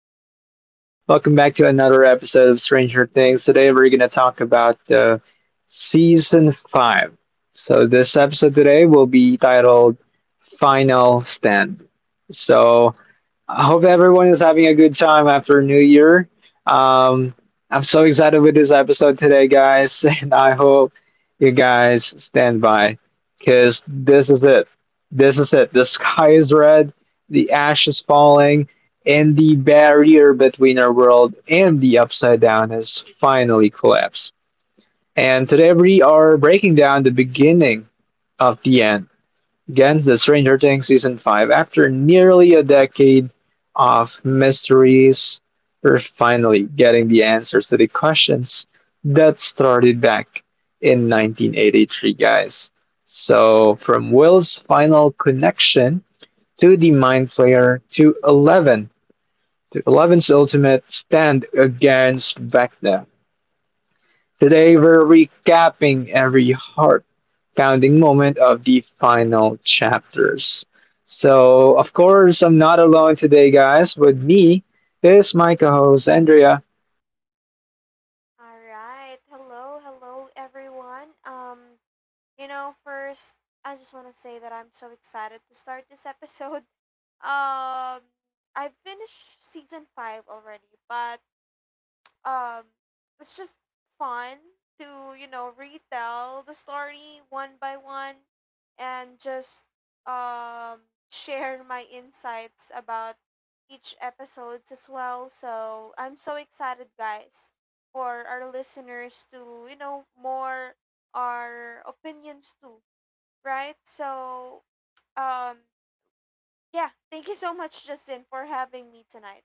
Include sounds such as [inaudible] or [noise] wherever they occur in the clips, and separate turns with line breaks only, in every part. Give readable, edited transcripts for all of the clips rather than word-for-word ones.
Welcome back. Welcome back to another episode of Stranger Things. Today, we're going to talk about season five. So, this episode today will be titled Final Stand. So, I hope everyone is having a good time after New Year. Um, I'm so excited with this episode today, guys, [laughs] and I hope you guys stand by because this is it. This is it. The sky is red, the ash is falling, and the barrier between our world and the upside down has finally collapsed. And today we are breaking down the beginning of the end gets the Stranger Things season 5 after nearly a decade of mysteries. We're finally getting the answers to the questions that started back in 1983, guys. So, from Will's final connection to the Mind Flayer to 11, to Eleven's ultimate stand against Vecna. Today we're recapping every heart pounding moment of the final chapters. So, of course, I'm not alone today, guys. With me is my co host, Andrea.
All right. Hello, hello everyone. First I just want to say that I'm so excited to start this episode. [laughs] Um, I've finished season 5 already, but um it's just fun to retell the story one by one and just um share my insights about each episodes as well, so I'm so excited, guys, for our listeners to more our opinions too, right. So um yeah, thank you so much, Justin, for having me tonight.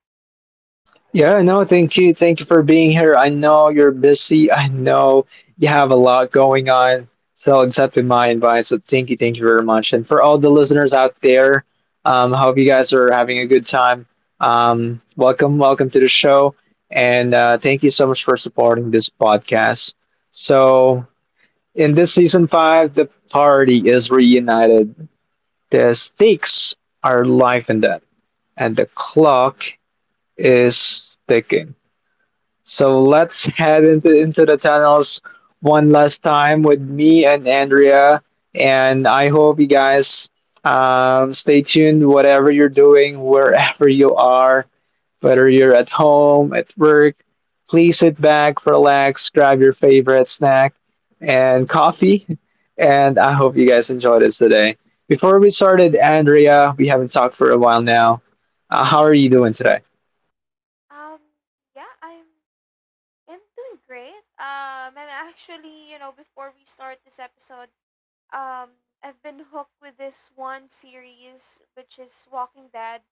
Yeah, no, thank you. Thank you for being here. I know you're busy. I know you have a lot going on. So accepting my advice. So thank you very much. And for all the listeners out there, hope you guys are having a good time. Welcome, welcome to the show. And thank you so much for supporting this podcast. So in this season five, the party is reunited. The stakes are life and death, and the clock is ticking. So let's head into the tunnels one last time with me and Andrea. And I hope you guys stay tuned, whatever you're doing, wherever you are, whether you're at home, at work. Please sit back, relax, grab your favorite snack and coffee. And I hope you guys enjoy this today. Before we started, Andrea, we haven't talked for a while now. How are you doing today?
um yeah, I'm doing great. I'm actually, you know, before we start this episode, I've been hooked with this one series, which is Walking Dead.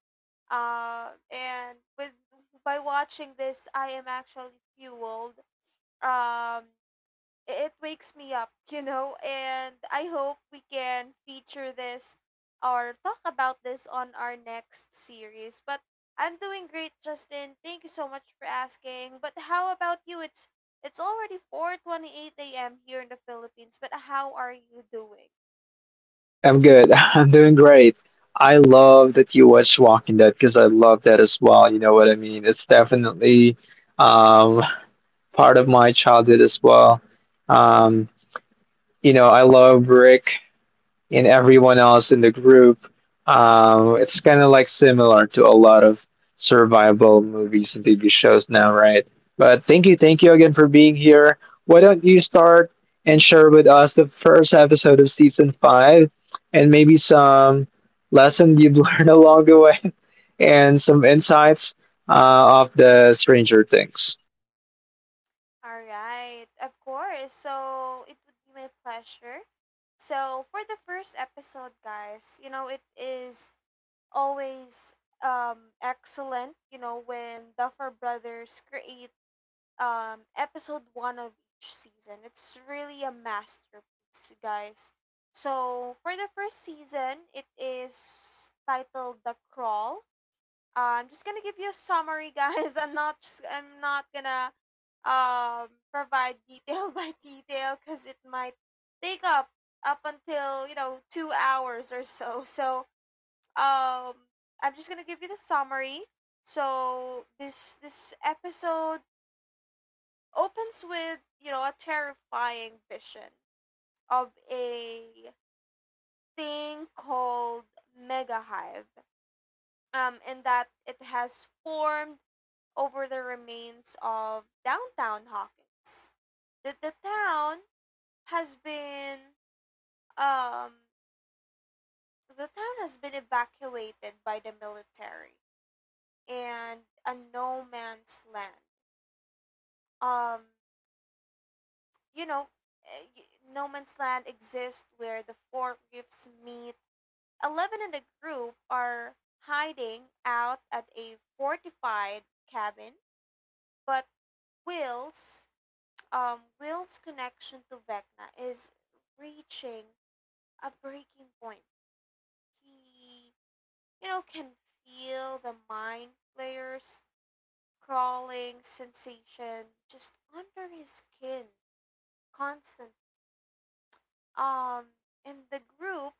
And with by watching this, I am actually fueled. Um, it wakes me up, you know, and I hope we can feature this or talk about this on our next series. But I'm doing great, Justin. Thank you so much for asking. But how about you? It's already 4:28 a.m. here in the Philippines, but how are you doing?
I'm good. [laughs] I'm doing great. I love that you watch Walking Dead because I love that as well. You know what I mean? It's definitely um, part of my childhood as well. Um, you know, I love Rick in everyone else in the group. It's kind of like similar to a lot of survival movies and TV shows now, right? But thank you again for being here. Why don't you start and share with us the first episode of season five and maybe some lessons you've [laughs] learned along the way and some insights of the Stranger Things?
All right. Of course. So, it would be my pleasure. So, for the first episode, guys, you know, it is always excellent, you know, when Duffer Brothers create episode one of each season. It's really a masterpiece, guys. So for the first season, it is titled The Crawl. I'm just gonna give you a summary, guys. [laughs] I'm not gonna provide detail [laughs] by detail because it might take up until, you know, 2 hours or so. So um I'm just gonna give you the summary. So this episode opens with, you know, a terrifying vision of a thing called Mega Hive, and that it has formed over the remains of downtown Hawkins. That the town has been um the town has been evacuated by the military, and a no man's land um you know eh, y- no man's land exists where the four reefs meet. 11 in the group are hiding out at a fortified cabin, but will's Will's connection to Vecna is reaching a breaking point. He, you know, can feel the Mind Flayer's crawling sensation just under his skin constantly. Um, and the group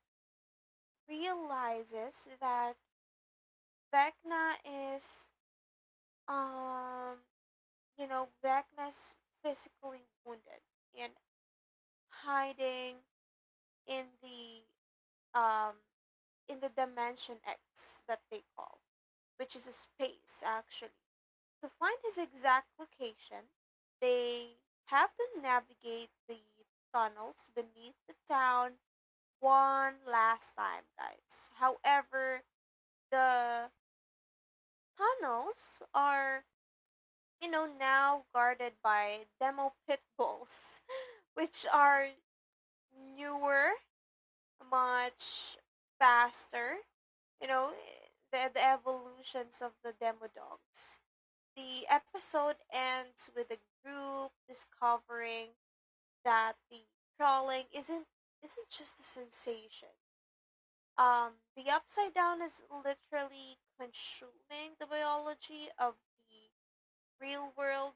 realizes that Vecna is, um, Vecna's physically wounded and hiding in the um in the Dimension X that they call, which is a space actually. To find his exact location, they have to navigate the tunnels beneath the town one last time, guys. However, the tunnels are, you know, now guarded by demo pit bulls, [laughs] which are newer, much faster. You know, the evolutions of the demo dogs. The episode ends with the group discovering that the crawling isn't just a sensation. The Upside Down is literally consuming the biology of the real world,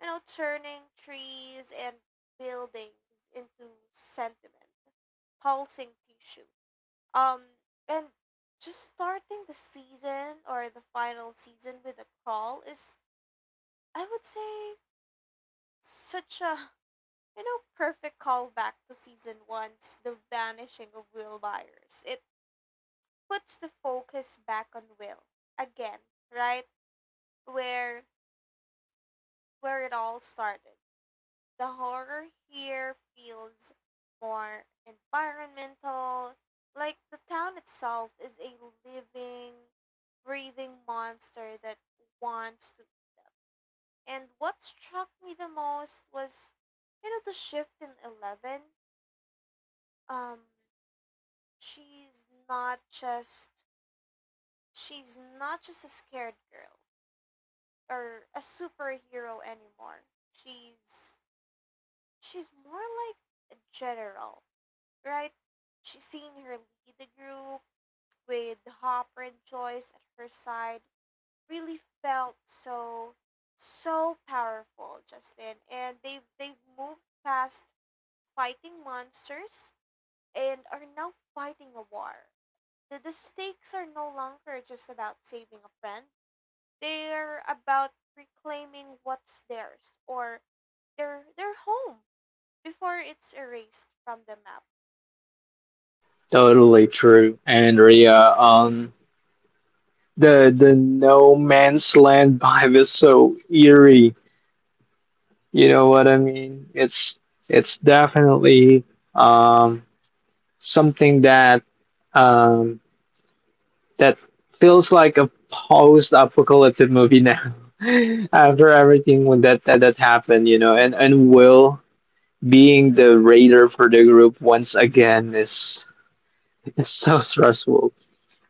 you know, turning trees and buildings into sentiment, pulsing tissue. Um, and just starting the season, or the final season, with a crawl is, I would say, such a, you know, perfect callback to season one's The Vanishing of Will Byers. It puts the focus back on Will again, right, where where it all started. The horror here feels more environmental, like the town itself is a living, breathing monster that wants to. And what struck me the most was, you know, the shift in Eleven. Um, she's not just she's not just a scared girl or a superhero anymore. She's she's more like a general, right? She seen her lead the group with Hopper and Joyce at her side, really felt so so powerful, Justin. And they've moved past fighting monsters and are now fighting a war. The stakes are no longer just about saving a friend. They're about reclaiming what's theirs, or their home before it's erased from the map.
Totally true, Andrea. The no man's land vibe is so eerie. You know what I mean? It's definitely um, something that um, that feels like a post-apocalyptic movie now. [laughs] After everything when that happened, you know, and Will being the raider for the group once again is so stressful.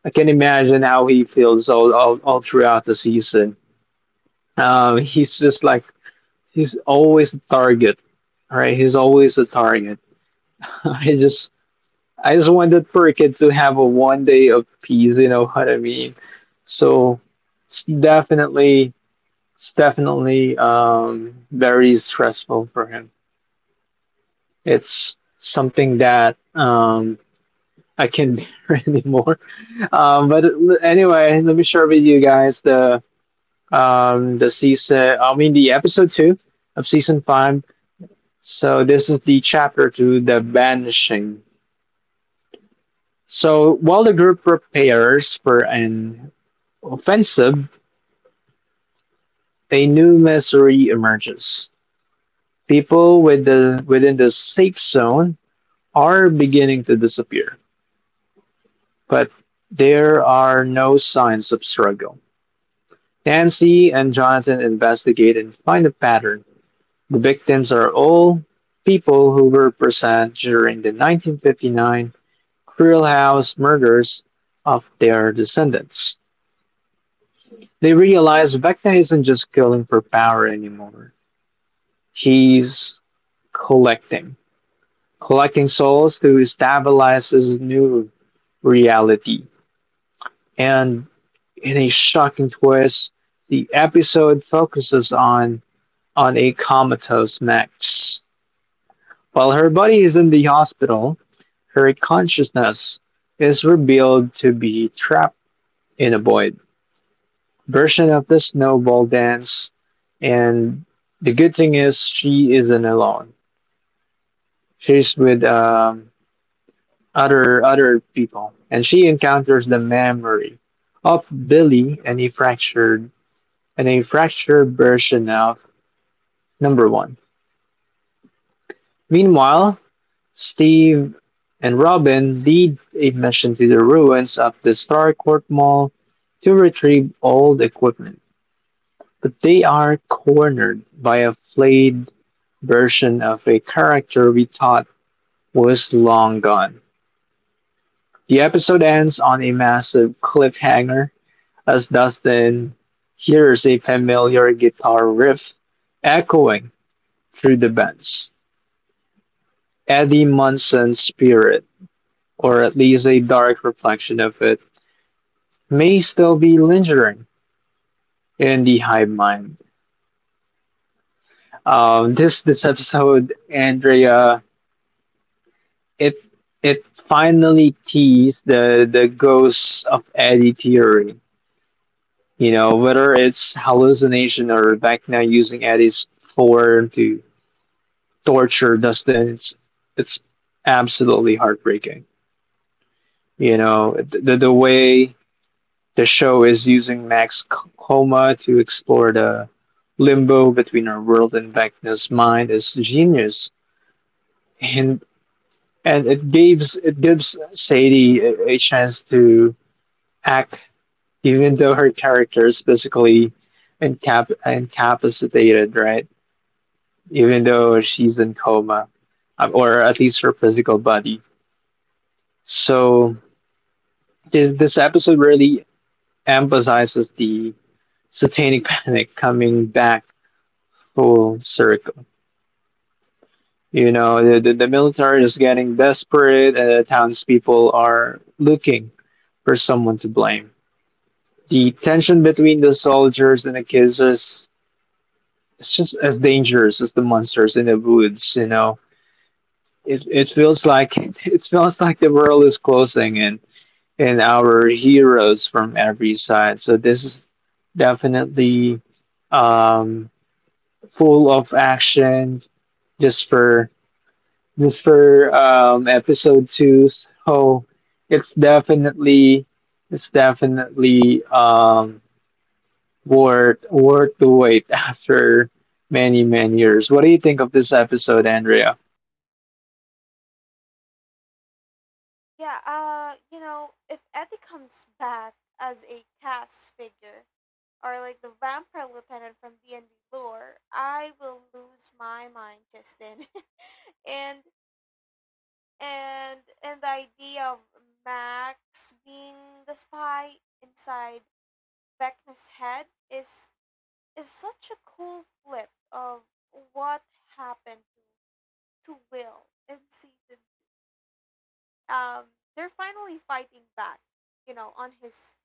I can imagine how he feels all throughout the season. He's just like He's always the target. Right? He's always the target. [laughs] I just I just wanted for a kid to have a one day of peace, you know what I mean? So it's definitely it's definitely very stressful for him. It's something that I can't bear [laughs] anymore. Anyway, let me share with you guys the episode two of season five. So this is the chapter two, the banishing. So while the group prepares for an offensive, a new misery emerges. People within the safe zone are beginning to disappear, but there are no signs of struggle. Nancy and Jonathan investigate and find a pattern. The victims are all people who were present during the 1959 cruel house murders of their descendants. They realize Vecna isn't just killing for power anymore. He's collecting, collecting souls to stabilize his new reality. And in a shocking twist, the episode focuses on a comatose Max. While her buddy is in the hospital, her consciousness is revealed to be trapped in a void version of the snowball dance. And the good thing is she isn't alone. She's with other people, and she encounters the memory of Billy and a fractured version of number one. Meanwhile, Steve and Robin lead a mission to the ruins of the Starcourt Mall to retrieve old equipment, but they are cornered by a flayed version of a character we thought was long gone. The episode ends on a massive cliffhanger as Dustin hears a familiar guitar riff echoing through the bends. Eddie Munson's spirit, or at least a dark reflection of it, may still be lingering in the hive mind. This episode, Andrea, it it finally teased the ghosts of Eddie theory. You know, whether it's hallucination or Vecna using Eddie's form to torture Dustin, it's absolutely heartbreaking. You know, the way the show is using Max coma to explore the limbo between our world and Vecna's mind is genius, and it gives Sadie a chance to act, even though her character is basically incapacitated, right? Even though she's in coma, or at least her physical body. So this episode really emphasizes the satanic [laughs] panic coming back full circle. You know, the military is getting desperate, and the townspeople are looking for someone to blame. The tension between the soldiers and the kids is it's just as dangerous as the monsters in the woods. You know, it feels like [laughs] it feels like the world is closing in and our heroes from every side. So this is definitely um, full of action just for just for episode two. So it's definitely it's definitely worth the wait [laughs] after many many years. What do you think of this episode, Andrea?
Yeah, you know, if Eddie comes back as a cast figure or like the vampire lieutenant from D and D lore, I will lose my mind, Justin. [laughs] and and the idea of Max being the spy inside Vecna's head is such a cool flip of what happened to Will in season. Um, they're finally fighting back, you know, on his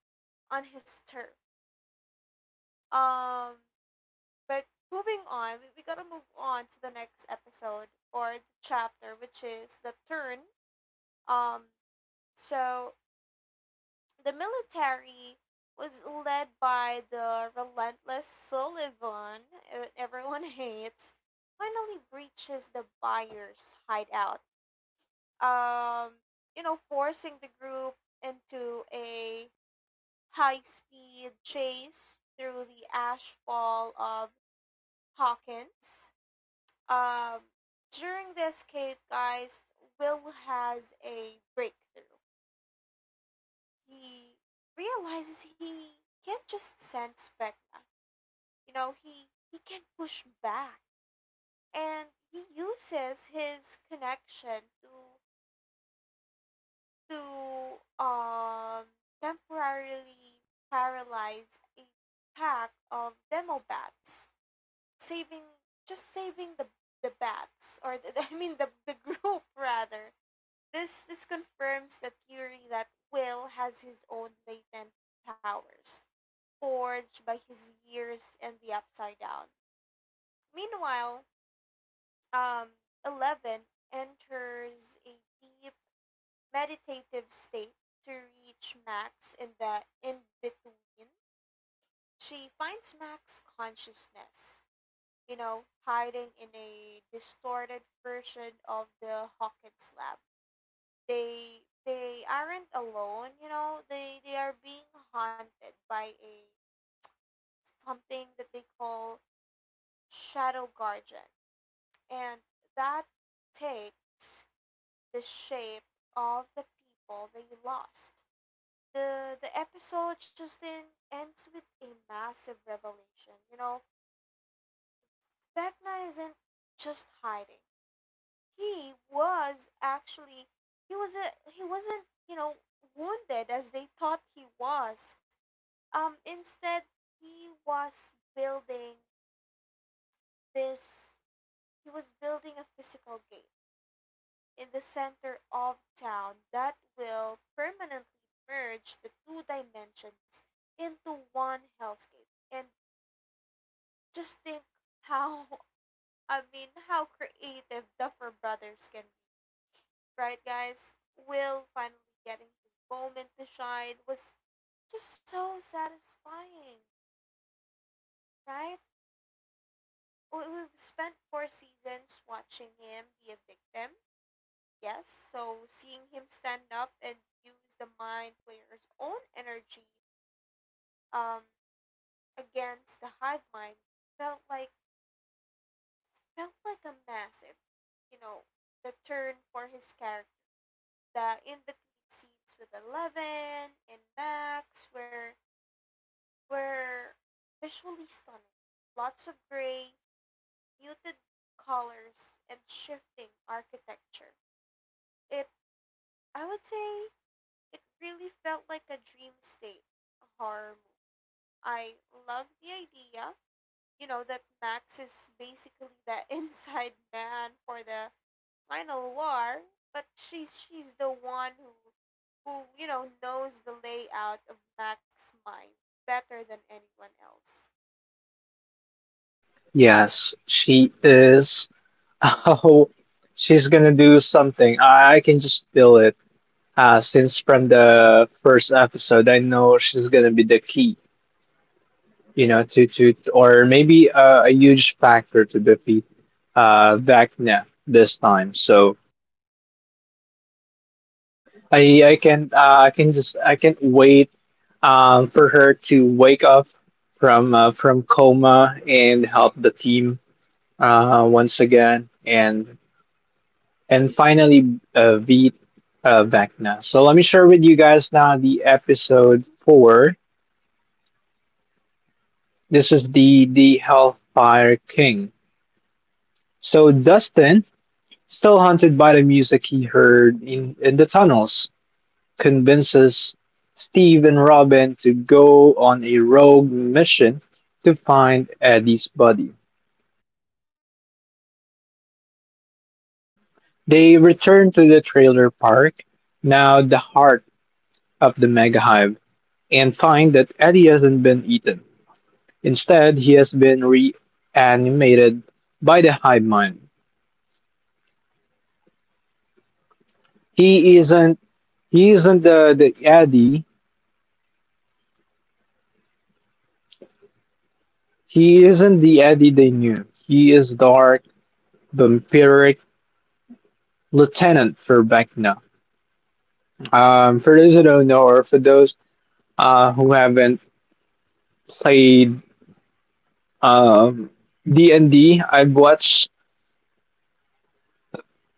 turf. Um, but moving on, we gotta move on to the next episode or the chapter, which is The Turn. Um, so the military was led by the relentless Sullivan, that everyone [laughs] hates, finally breaches the buyer's hideout. Um, you know, forcing the group into a high speed chase through the ashfall of Hawkins. Um, during the escape, guys, Will has a breakthrough. He realizes he can't just send Vecna. You know, he can push back, and he uses his connection to to um temporarily paralyze a pack of demo bats, saving just saving the [laughs] I mean the group [laughs] rather. This confirms the theory that Will has his own latent powers, forged by his years in the Upside Down. Meanwhile, um, Eleven enters a deep meditative state to reach Max in the in between. She finds Max's consciousness, you know, hiding in a distorted version of the Hawkins lab. They aren't alone, you know. They are being haunted by a something that they call shadow guardian, and that takes the shape of the people they lost. The episode just then ends with a massive revelation. You know, Vecna isn't just hiding. he was actually he was a he wasn't, you know, wounded as they thought he was. Instead, he was building this he was building a physical gate in the center of town that will permanently merge the two dimensions into one hellscape. And just think how [laughs] I mean how creative Duffer Brothers can be, right, guys? Will finally getting his moment to shine was just so satisfying, right? We've spent four seasons watching him be a victim. Yes, so seeing him stand up and use the Mind Player's own energy, um, against the hive mind felt like, a massive, you know, the turn for his character. The in between scenes with Eleven and Max were were visually stunning. Lots of gray, muted colors, and shifting architecture. It I would say it really felt like a dream state horror movie. I love the idea, you know, that Max is basically the [laughs] inside man for the final war, but she's the one who, you know, knows the layout of Max's mind better than anyone else.
Yes, she is. [laughs] Oh, she's gonna do something. I can just feel it. Since from the first episode, I know she's gonna be the key, you know, to or maybe a huge factor to defeat Vecna this time. So I can not wait for her to wake up from coma and help the team once again and finally beat Vecna. So let me share with you guys now the episode four. This is the Hellfire King. So Dustin, still haunted by the music he heard in the tunnels, convinces Steve and Robin to go on a rogue mission to find Eddie's body. They return to the trailer park, now the heart of the mega hive, and find that Eddie hasn't been eaten. Instead, he has been reanimated by the hive mind. He isn't He isn't the Eddie. He isn't the Eddie they knew. He is dark, vampiric lieutenant for Vecna. For those who don't know, or for those who haven't played um, D and D, I have watched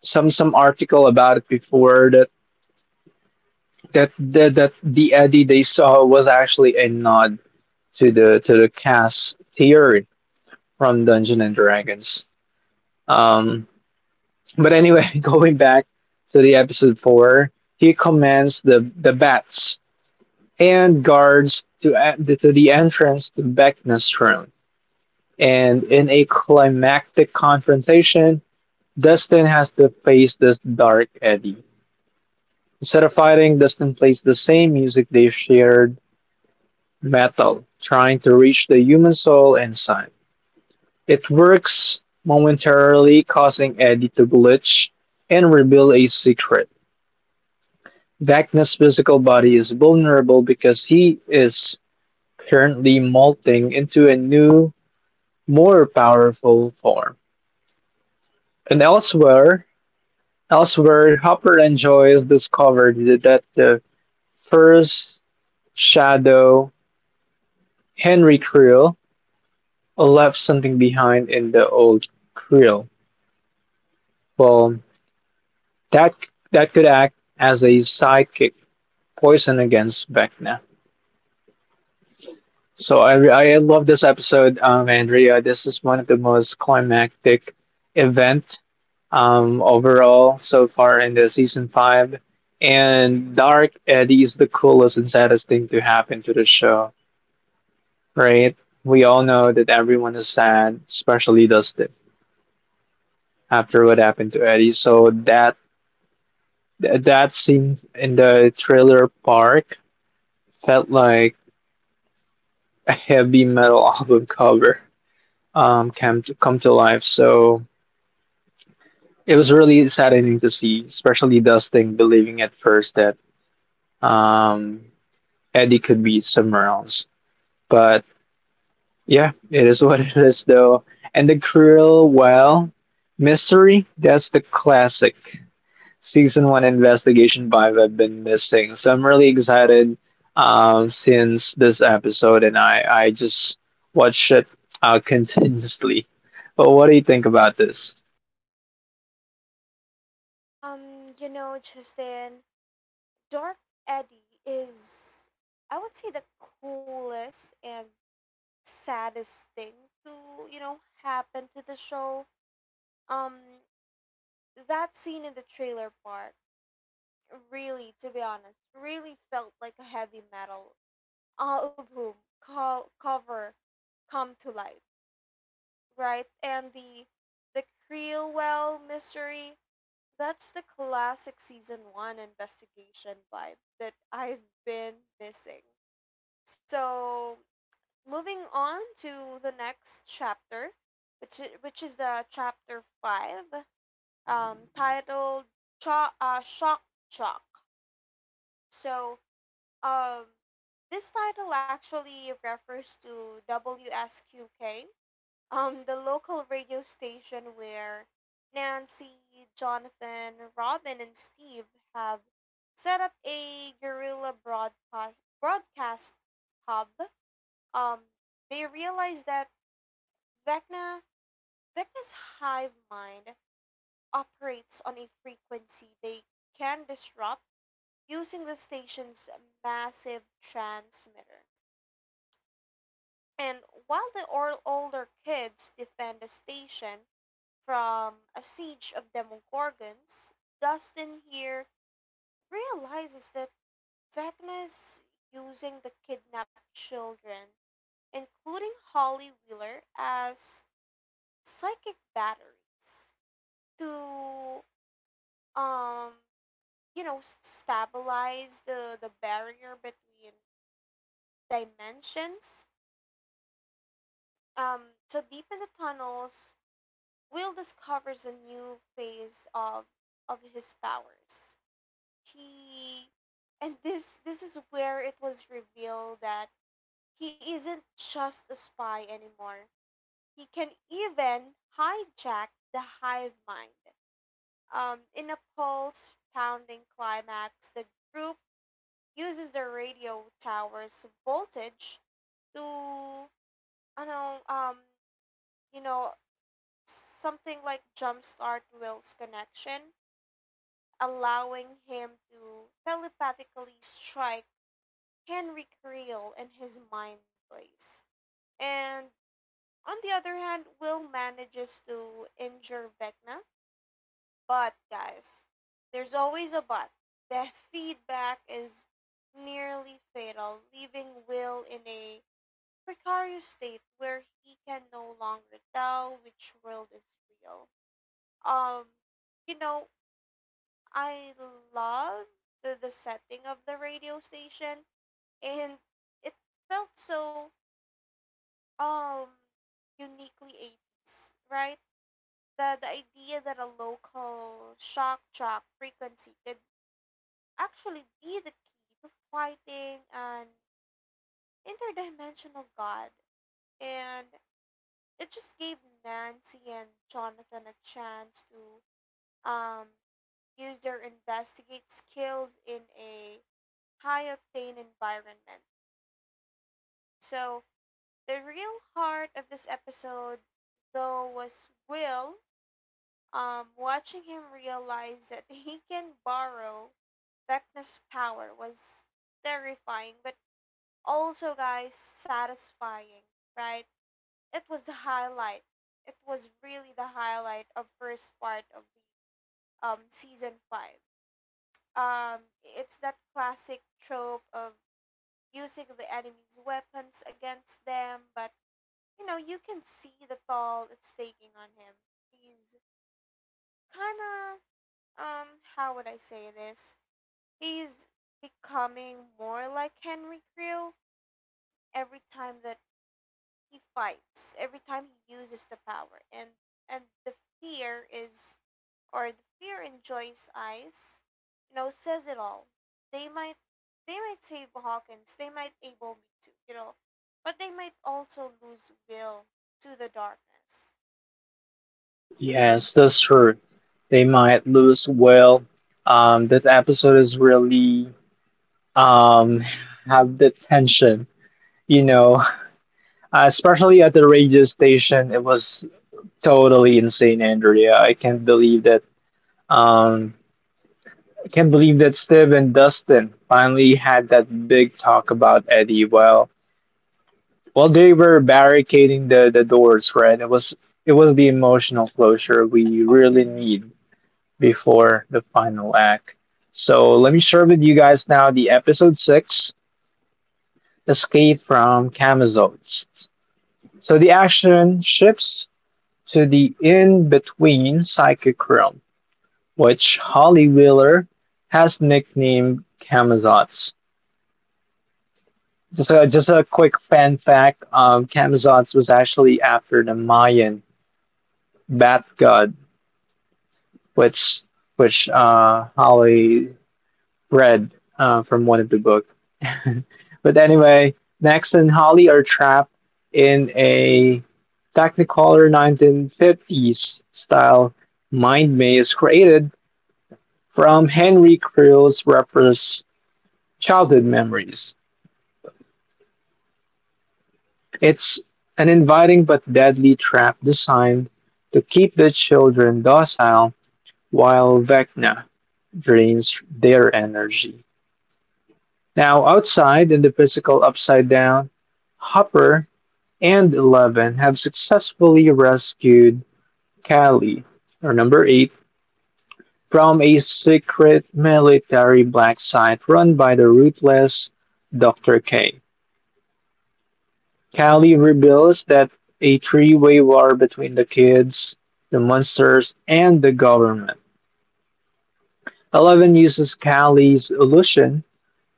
some article about it before that the Eddie they saw was actually a nod to the cast theory from Dungeon and Dragons. Um, But anyway, [laughs] going back to the episode four, he commands the bats and guards to, to the entrance to Beckman's throne. And in a climactic confrontation, Dustin has to face this dark Eddie. Instead of fighting, Dustin plays the same music they shared, metal, trying to reach the human soul inside. It works momentarily, causing Eddie to glitch and reveal a secret. Vecna's physical body is vulnerable because he is currently molting into a new, more powerful form. And elsewhere, Hopper and Joyce discovered that the first shadow, Henry Creel, left something behind in the old Creel. Well, that that could act as a psychic poison against Vecna. So I love this episode, Andrea. This is one of the most climactic event overall so far in the season five. And Dark Eddie is the coolest and saddest thing to happen to the show, right? We all know that everyone is sad, especially Dustin, after what happened to Eddie. So that scene in the trailer park felt like a heavy metal [laughs] album cover come to life. So it was really saddening to see, especially Dustin believing at first that um, Eddie could be somewhere else. But yeah, it is [laughs] what it is, though. And the cruel, well, mystery, that's the classic season one investigation vibe I've been missing. So I'm really excited since this episode, and I just watch it [laughs] continuously. But what do you think about this?
You know, Justin, Dark Eddie is, I would say, the coolest and saddest thing to, you know, happen to the show. Um that scene in the trailer part really, to be honest, really felt like a heavy metal album cover come to life, right? And the Creelwell mystery, that's the classic season 1 investigation vibe that I've been missing. So, moving on to the next chapter, which is the chapter 5, titled Shock Jock. So, um, this title actually refers to WSQK, the local radio station where Nancy, Jonathan, Robin, and Steve have set up a guerrilla broadcast hub. Um, they realize that Vecna Vecna's hive mind operates on a frequency they can disrupt using the station's massive transmitter. And while the older kids defend the station from a siege of demogorgons, Dustin here realizes that Vecna is using the kidnapped children, including Holly Wheeler, as psychic batteries to um stabilize the barrier between dimensions. um so deep in the tunnels, Will discovers a new phase of his powers. He and this is where it was revealed that he isn't just a spy anymore. He can even hijack the hive mind. In a pulse pounding climax, the group uses the radio tower's voltage to, I know you know something like, jumpstart Will's connection, allowing him to telepathically strike Henry Creel in his mind place. And on the other hand, Will manages to injure Vecna, but guys, there's always a but. The feedback is nearly fatal, leaving Will in a precarious state where he can no longer tell which world is real. Um, you know, I love the setting of the radio station, and it felt so um uniquely 80s, right? The idea that a local shock jock frequency could actually be the key to fighting an interdimensional god. And it just gave Nancy and Jonathan a chance to, um, use their investigate skills in a high octane environment. So, the real heart of this episode, though, was Will, watching him realize that [laughs] he can borrow Vecna's power was terrifying, but also, guys, satisfying, right? It was the highlight. It was really the highlight of first part of the season five. It's that classic trope of using the enemy's weapons against them, but you know you can see the toll it's taking on him. He's kind of um how would I say this? He's becoming more like Henry Creel every time that he fights, every time he uses the power, and the fear is or the fear in Joy's eyes, says it all. They might they might save Hawkins, they might able me to, but they might also lose will to the darkness.
Yes, that's true. They might lose well. That episode is really um have the tension, you know, [laughs] especially at the radio station. It was totally insane, Andrea. I can't believe that. Um, I can't believe that Steve and Dustin finally had that big talk about Eddie. Well, they were barricading the doors, right? It was the emotional closure we really need before the final act. So let me share with you guys now the episode 6, Escape from Camazones. So the action shifts to the in-between psychic realm, which Holly Wheeler has nicknamed Camazots. Just a quick fan fact, Camazots was actually after the Mayan bath god, which which Holly read from one of the books. [laughs] But anyway, Next and Holly are trapped in a Technicolor 1950s style mind maze created from Henry Creel's repressed childhood memories. It's an inviting but deadly trap designed to keep the children docile while Vecna drains their energy. Now, outside in the physical upside down, Hopper and Eleven have successfully rescued Kali, or Number 8, from a secret military black site run by the ruthless Dr. K. Kali reveals that a three-way war between the kids, the monsters, and the government. Eleven uses Kali's illusion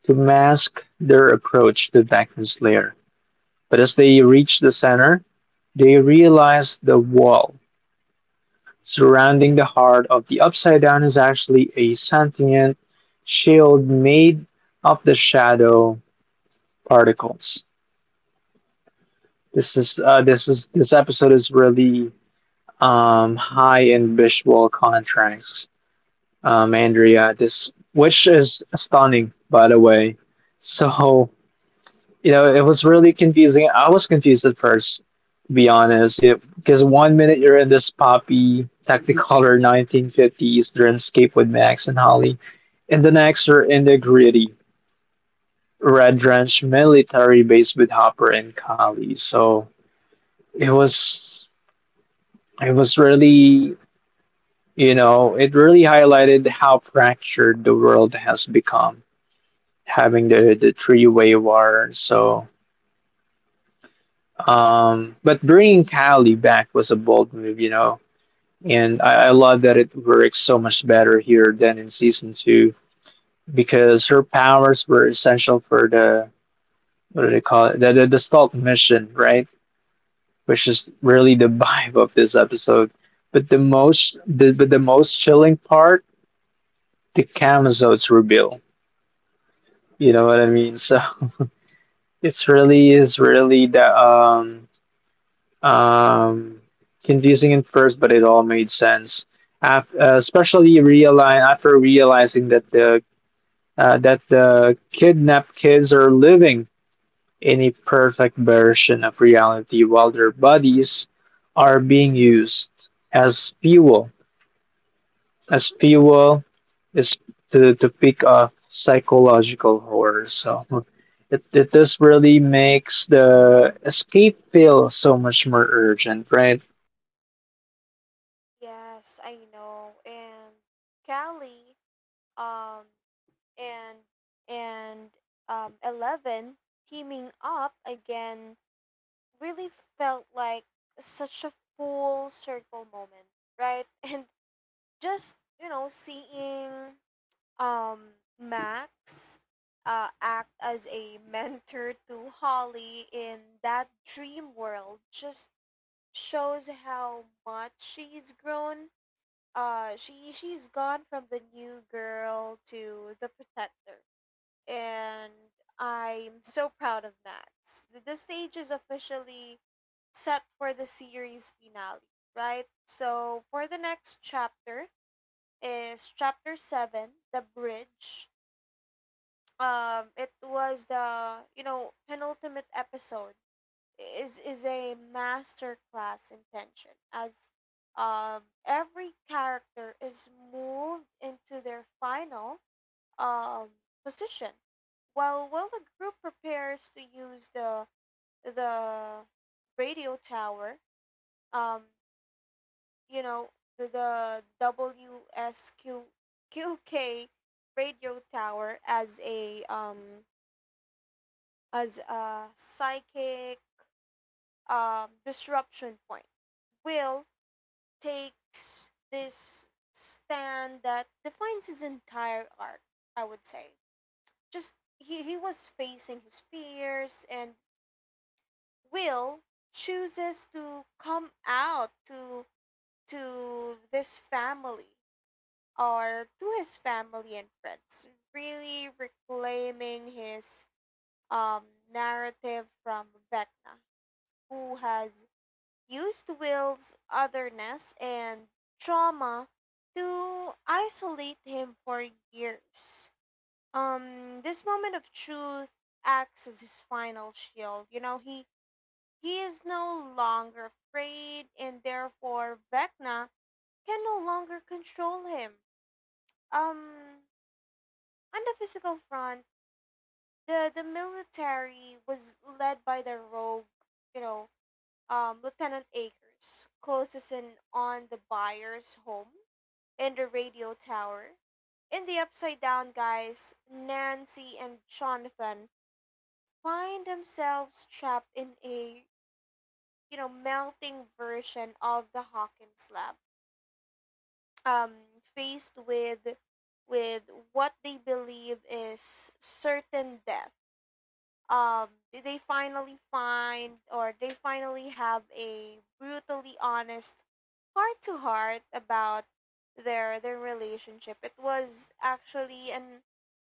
to mask their approach to Deckman's lair. But as they reach the center, they realize the wall surrounding the heart of the Upside Down is actually a sentient shield made of the shadow particles. This is this is this episode is really high in visual contrasts, Andrea. This which is stunning, by the way. So it was really confusing. I was confused at first, to be honest, because one minute you're in this poppy Technicolor 1950s landscape with Max and Holly, and the next you're in the gritty red drenched military base with Hopper and Kali. So it was, it was really, it really highlighted how fractured the world has become, having the three-way war. So but bringing Kylie back was a bold move, you know, and I love that it works so much better here than in season two because her powers were essential for the what do they call it the stealth mission, right? Which is really the [laughs] vibe of this episode. But the most chilling part, the Camazotes reveal. You know what I mean? So [laughs] it's really is really the um, confusing at first, but it all made sense. After, especially realize after realizing that the kidnapped kids are living in a perfect version of reality, while their bodies are being used as fuel is to pick off psychological horror. So it just really makes the escape feel so much more urgent, right?
Yes, I know. And Callie, um, and and Eleven teaming up again really felt like such a full circle moment, right? [laughs] And just seeing Max act as a mentor to Holly in that dream world just shows how much she's grown. She's gone from the new girl to the protector, and I'm so proud of Max. The stage is officially set for the series finale, right? So for the next chapter is chapter seven, the bridge. It was the, penultimate episode. Is a masterclass in tension as every character is moved into their final um position while the group prepares to use the the radio tower. um you know the WSQQK radio tower as a psychic disruption point. Will takes this stand that defines his entire arc, I would say. Just he was facing his fears, and Will chooses to come out to this family or to his family and friends, really reclaiming his um narrative from Vecna, who has used Will's otherness and trauma to isolate him for years. This moment of truth acts as his final shield. You know, he is no longer afraid, and therefore Vecna can no longer control him. Um, on the physical front, the military was led by the rogue, you know, Lieutenant Akers closes in on the buyer's home and the radio tower. In the upside down, guys, Nancy and Jonathan find themselves trapped in a, melting version of the Hawkins lab. Um, faced with with what they believe is certain death, did they finally find, or they finally have a brutally honest heart to heart about their relationship? It was actually an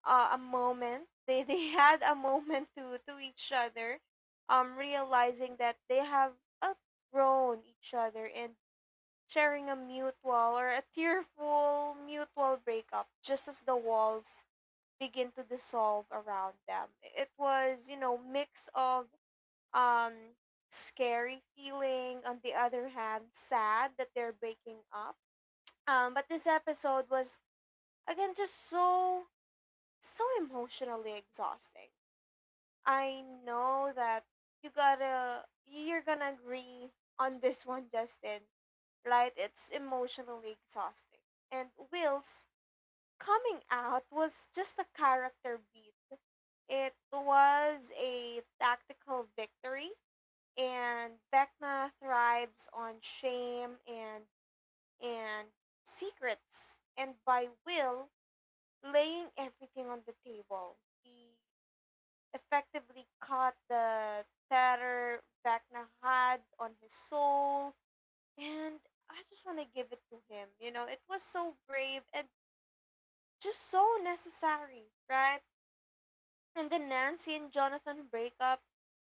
a moment, they [laughs] had a moment to each other, realizing that they have outgrown each other and sharing a mutual or a tearful mutual breakup just as the walls begin to dissolve around them. It was, you know, mix of um scary feeling, on the other hand, sad that they're breaking up. But this episode was again just so emotionally exhausting. I know that you gotta you're gonna agree on this one, Justin. Right? It's emotionally exhausting. And Will's coming out was just a character beat. It was a tactical victory, and Vecna thrives on shame and secrets, and by will laying everything on the table. He effectively caught the terror Vecna had on his soul, and I just want to give it to him. You know, it was so brave and just so necessary, right? And then Nancy and Jonathan break up.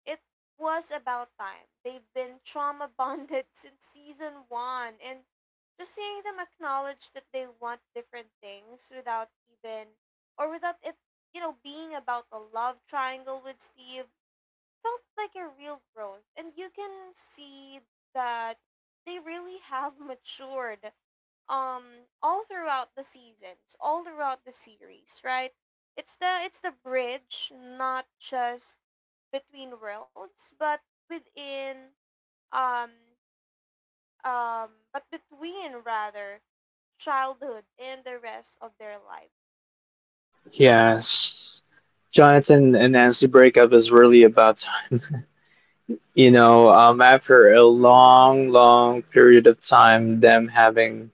It was about time. They've been trauma bonded [laughs] since season one, and just seeing them acknowledge that they want different things without even, or without it, being about a love triangle with Steve, felt like a real growth. And you can see that they really have matured all throughout the seasons, all throughout the series, right? It's the bridge not just between worlds, but within um but between rather childhood and the rest of their life.
Yes. Jonathan and Nancy breakup is really about, after a long, long period of time, them having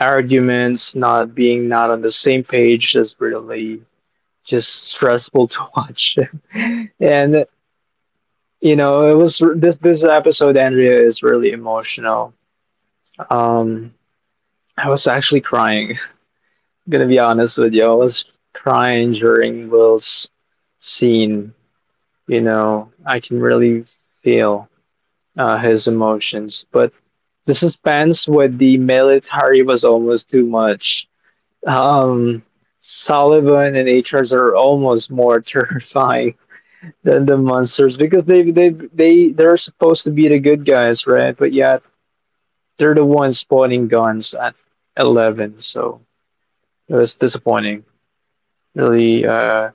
arguments, not being not on the same page is really just stressful to [laughs] watch. And it was this episode, Andrea, is really emotional. Um, I was actually crying. [laughs] I'm gonna be honest with you, I was crying during Will's scene. You know, I can really feel his emotions, but the suspense with the military was almost too much. um Sullivan and HRs are almost more [laughs] terrifying than the monsters because they're supposed to be the good guys, right? But yet they're the ones spawning guns at 11. So it was disappointing, really,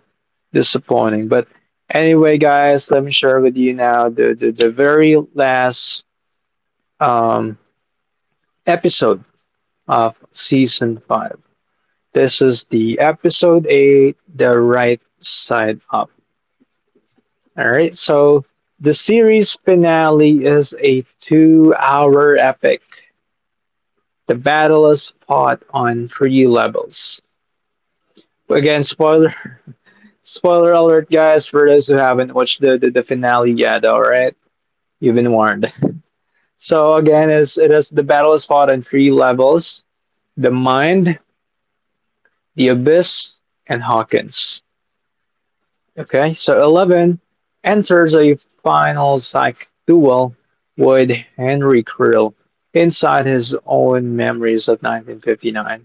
disappointing. But anyway, guys, let me share with you now the very last um, episode of season 5. This is the episode 8, the right side up. All right, so the series finale is a two-hour epic. The battle is fought on three levels. Again, spoiler [laughs] spoiler alert, guys, for those who haven't watched the finale yet. All right, you've been warned. So again, is it is the battle is fought on three levels: the mind, the abyss, and Hawkins. Okay, so eleven enters a final psych duel with Henry Krill inside his own memories of 1959,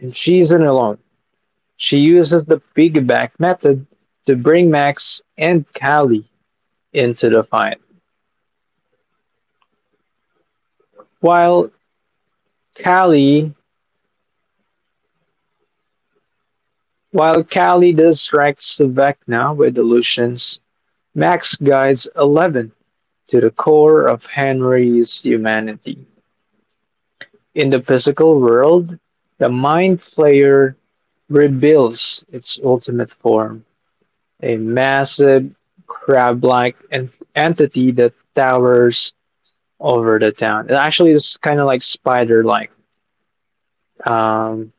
and she's not alone. She uses the piggyback method to bring Max and Callie into the fight, while Callie Callie distracts Vecna with illusions. Max guides Eleven to the core of Henry's humanity. In the physical world, the Mind Flayer reveals its ultimate form, a massive, crab like entity that towers over the town. It actually is kind of like spider like um,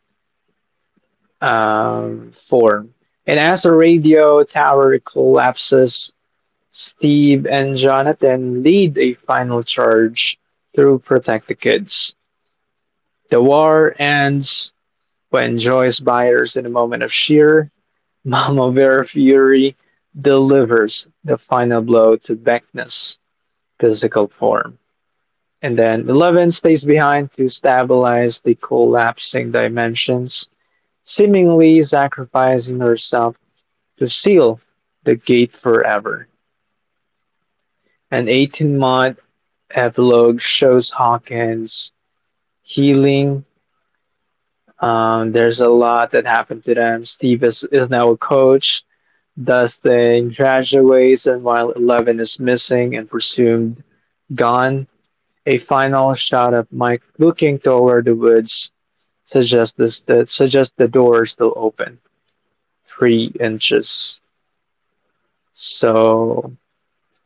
form. And as the radio tower collapses, Steve and Jonathan lead a final charge to protect the kids. The war ends when Joyce Byers, in a moment of sheer [laughs] Mama Bear fury, delivers the final blow to Beckness' physical form. And then Eleven stays behind to stabilize the collapsing dimensions, seemingly sacrificing herself to seal the gate forever. An 18-month epilogue shows Hawkins healing. There's a lot that happened to them. Steve is now a coach. Dustin graduates, and while Eleven is missing and presumed gone, a final shot of Mike looking toward the woods suggests this, that suggests the door is still open, 3 inches. So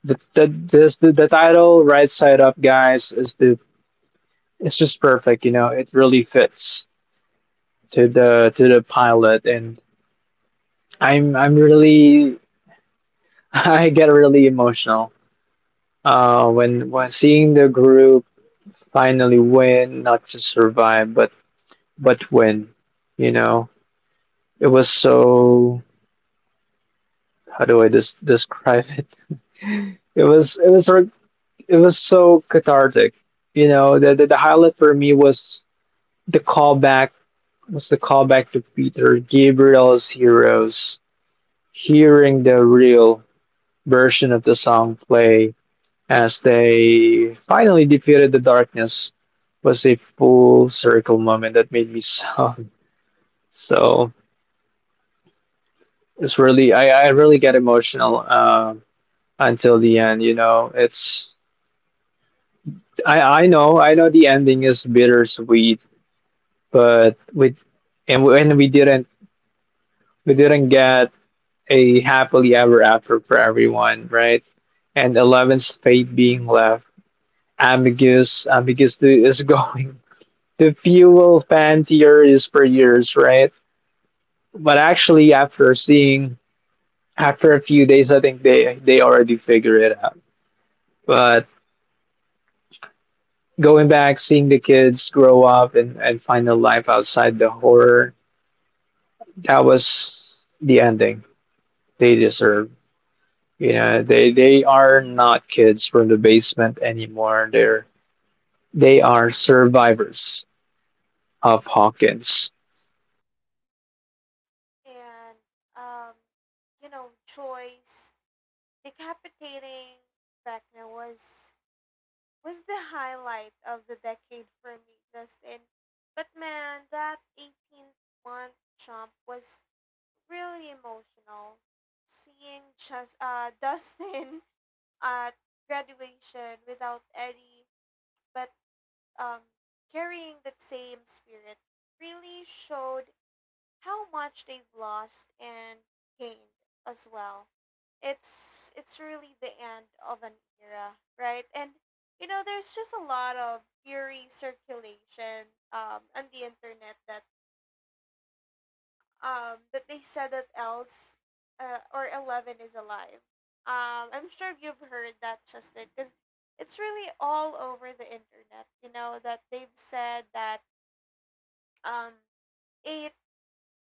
the, this, the title, right side up, guys, is the — it's just perfect. You know, it really fits to the pilot. And I'm really [laughs] I get really emotional when seeing the group finally win, not just survive, but win. You know, it was so, how do I describe it, it was sort it was so cathartic. You know, the highlight for me was the callback the callback to Peter Gabriel's Heroes. Hearing the real version of the song play as they finally defeated the darkness was a full circle moment that made me sob. [laughs] So it's really, I really get emotional, until the end. You know, it's I know the ending is bittersweet, but with and we didn't get a happily ever after for everyone, right? And Eleven's fate being left ambiguous is [laughs] going the fuel fan tier is per years, right? But actually, after seeing after a few days, I think they already figure it out. But going back, seeing the kids grow up and find a life outside the horror, that was the ending they deserve. You know, they are not kids from the basement anymore. They're they are survivors of Hawkins.
And um you know, Joyce decapitating Vecna was the highlight of the decade for me, Justin. But man, that 18-month jump was really emotional. Seeing just [laughs] Dustin at graduation without Eddie, but um carrying that same spirit really showed how much they've lost and gained as well. It's really the end of an era, right? And you know, there's just a lot of theory circulation on the internet that that they said that else or Eleven is alive. I'm sure you've heard that, Justin, because it's really all over the internet. You know that they've said that, um, eight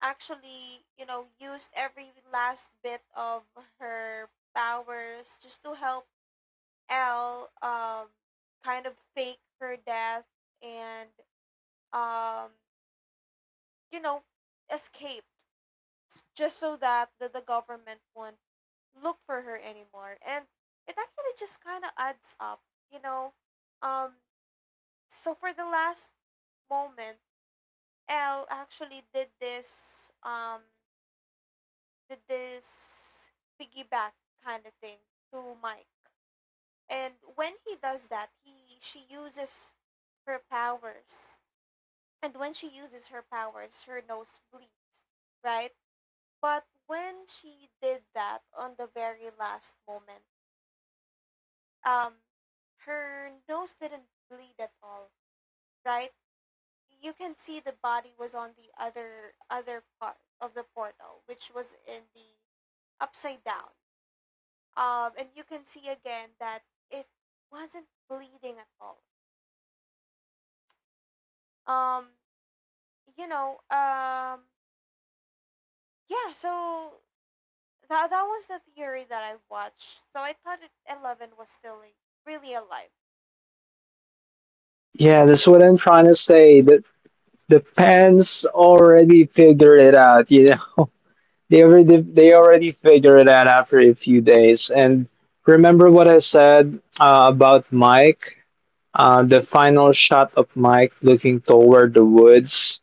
actually, you know, used every last bit of her powers just to help Elle kind of fake her death and um you know, escaped just so that the government won't look for her anymore. And it actually just kind of adds up, you know. um so for the last moment, Elle actually did this did this piggyback kind of thing to Mike. And when he does that, he she uses her powers. And when she uses her powers, her nose bleeds, right? But when she did that on the very last moment, um her nose didn't bleed at all, right? You can see the body was on the other part of the portal, which was in the upside down. And you can see again that it wasn't bleeding at all. Um, you know, um, yeah. So that was the theory that I watched. So I thought it, Eleven was still really alive.
Yeah, that's what I'm trying to say. That the fans already figured it out. You know, they already figured it out after a few days. And remember what I said about Mike. The final shot of Mike looking toward the woods.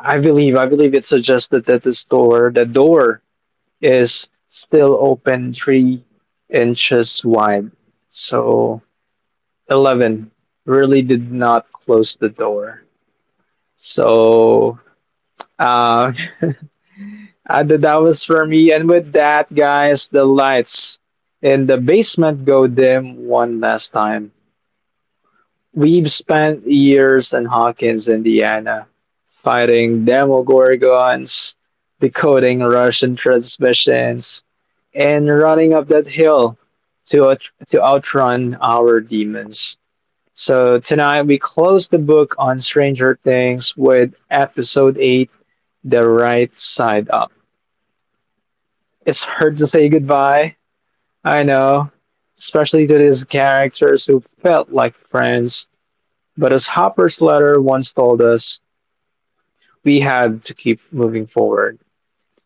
I believe it suggested that the door is still open 3 inches wide. So eleven really did not close the door. So uh, [laughs] th- that was for me. And with that, guys, the lights in the basement go dim one last time. We've spent years in Hawkins, Indiana, fighting Demogorgons, decoding Russian transmissions, and running up that hill to outrun our demons. So tonight we close the book on Stranger Things with episode 8, The Right Side Up. It's hard to say goodbye, I know, especially to these characters who felt like friends. But as Hopper's letter once told us, we had to keep moving forward.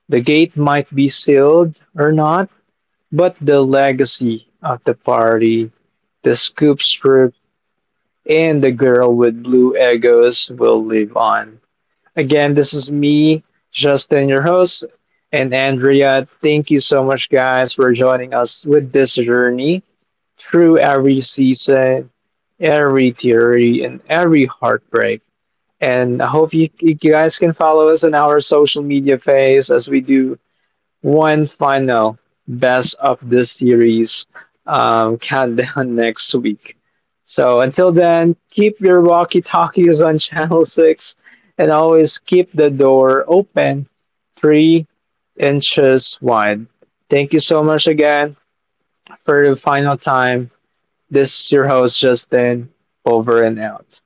The gate might be sealed or not, but the legacy of the party, the scoop strip, and the girl with blue egos will live on. Again, this is me, Justin, your host, and Andrea. Thank you so much, guys, for joining us with this journey through every season, every theory, and every heartbreak. And I hope you guys can follow us on our social media phase as we do one final best of this series countdown [laughs] next week. So until then, keep your walkie talkies on [laughs] Channel 6 and always keep the door open 3 inches wide. Thank you so much again for the final time. This is your host, Justin, over and out.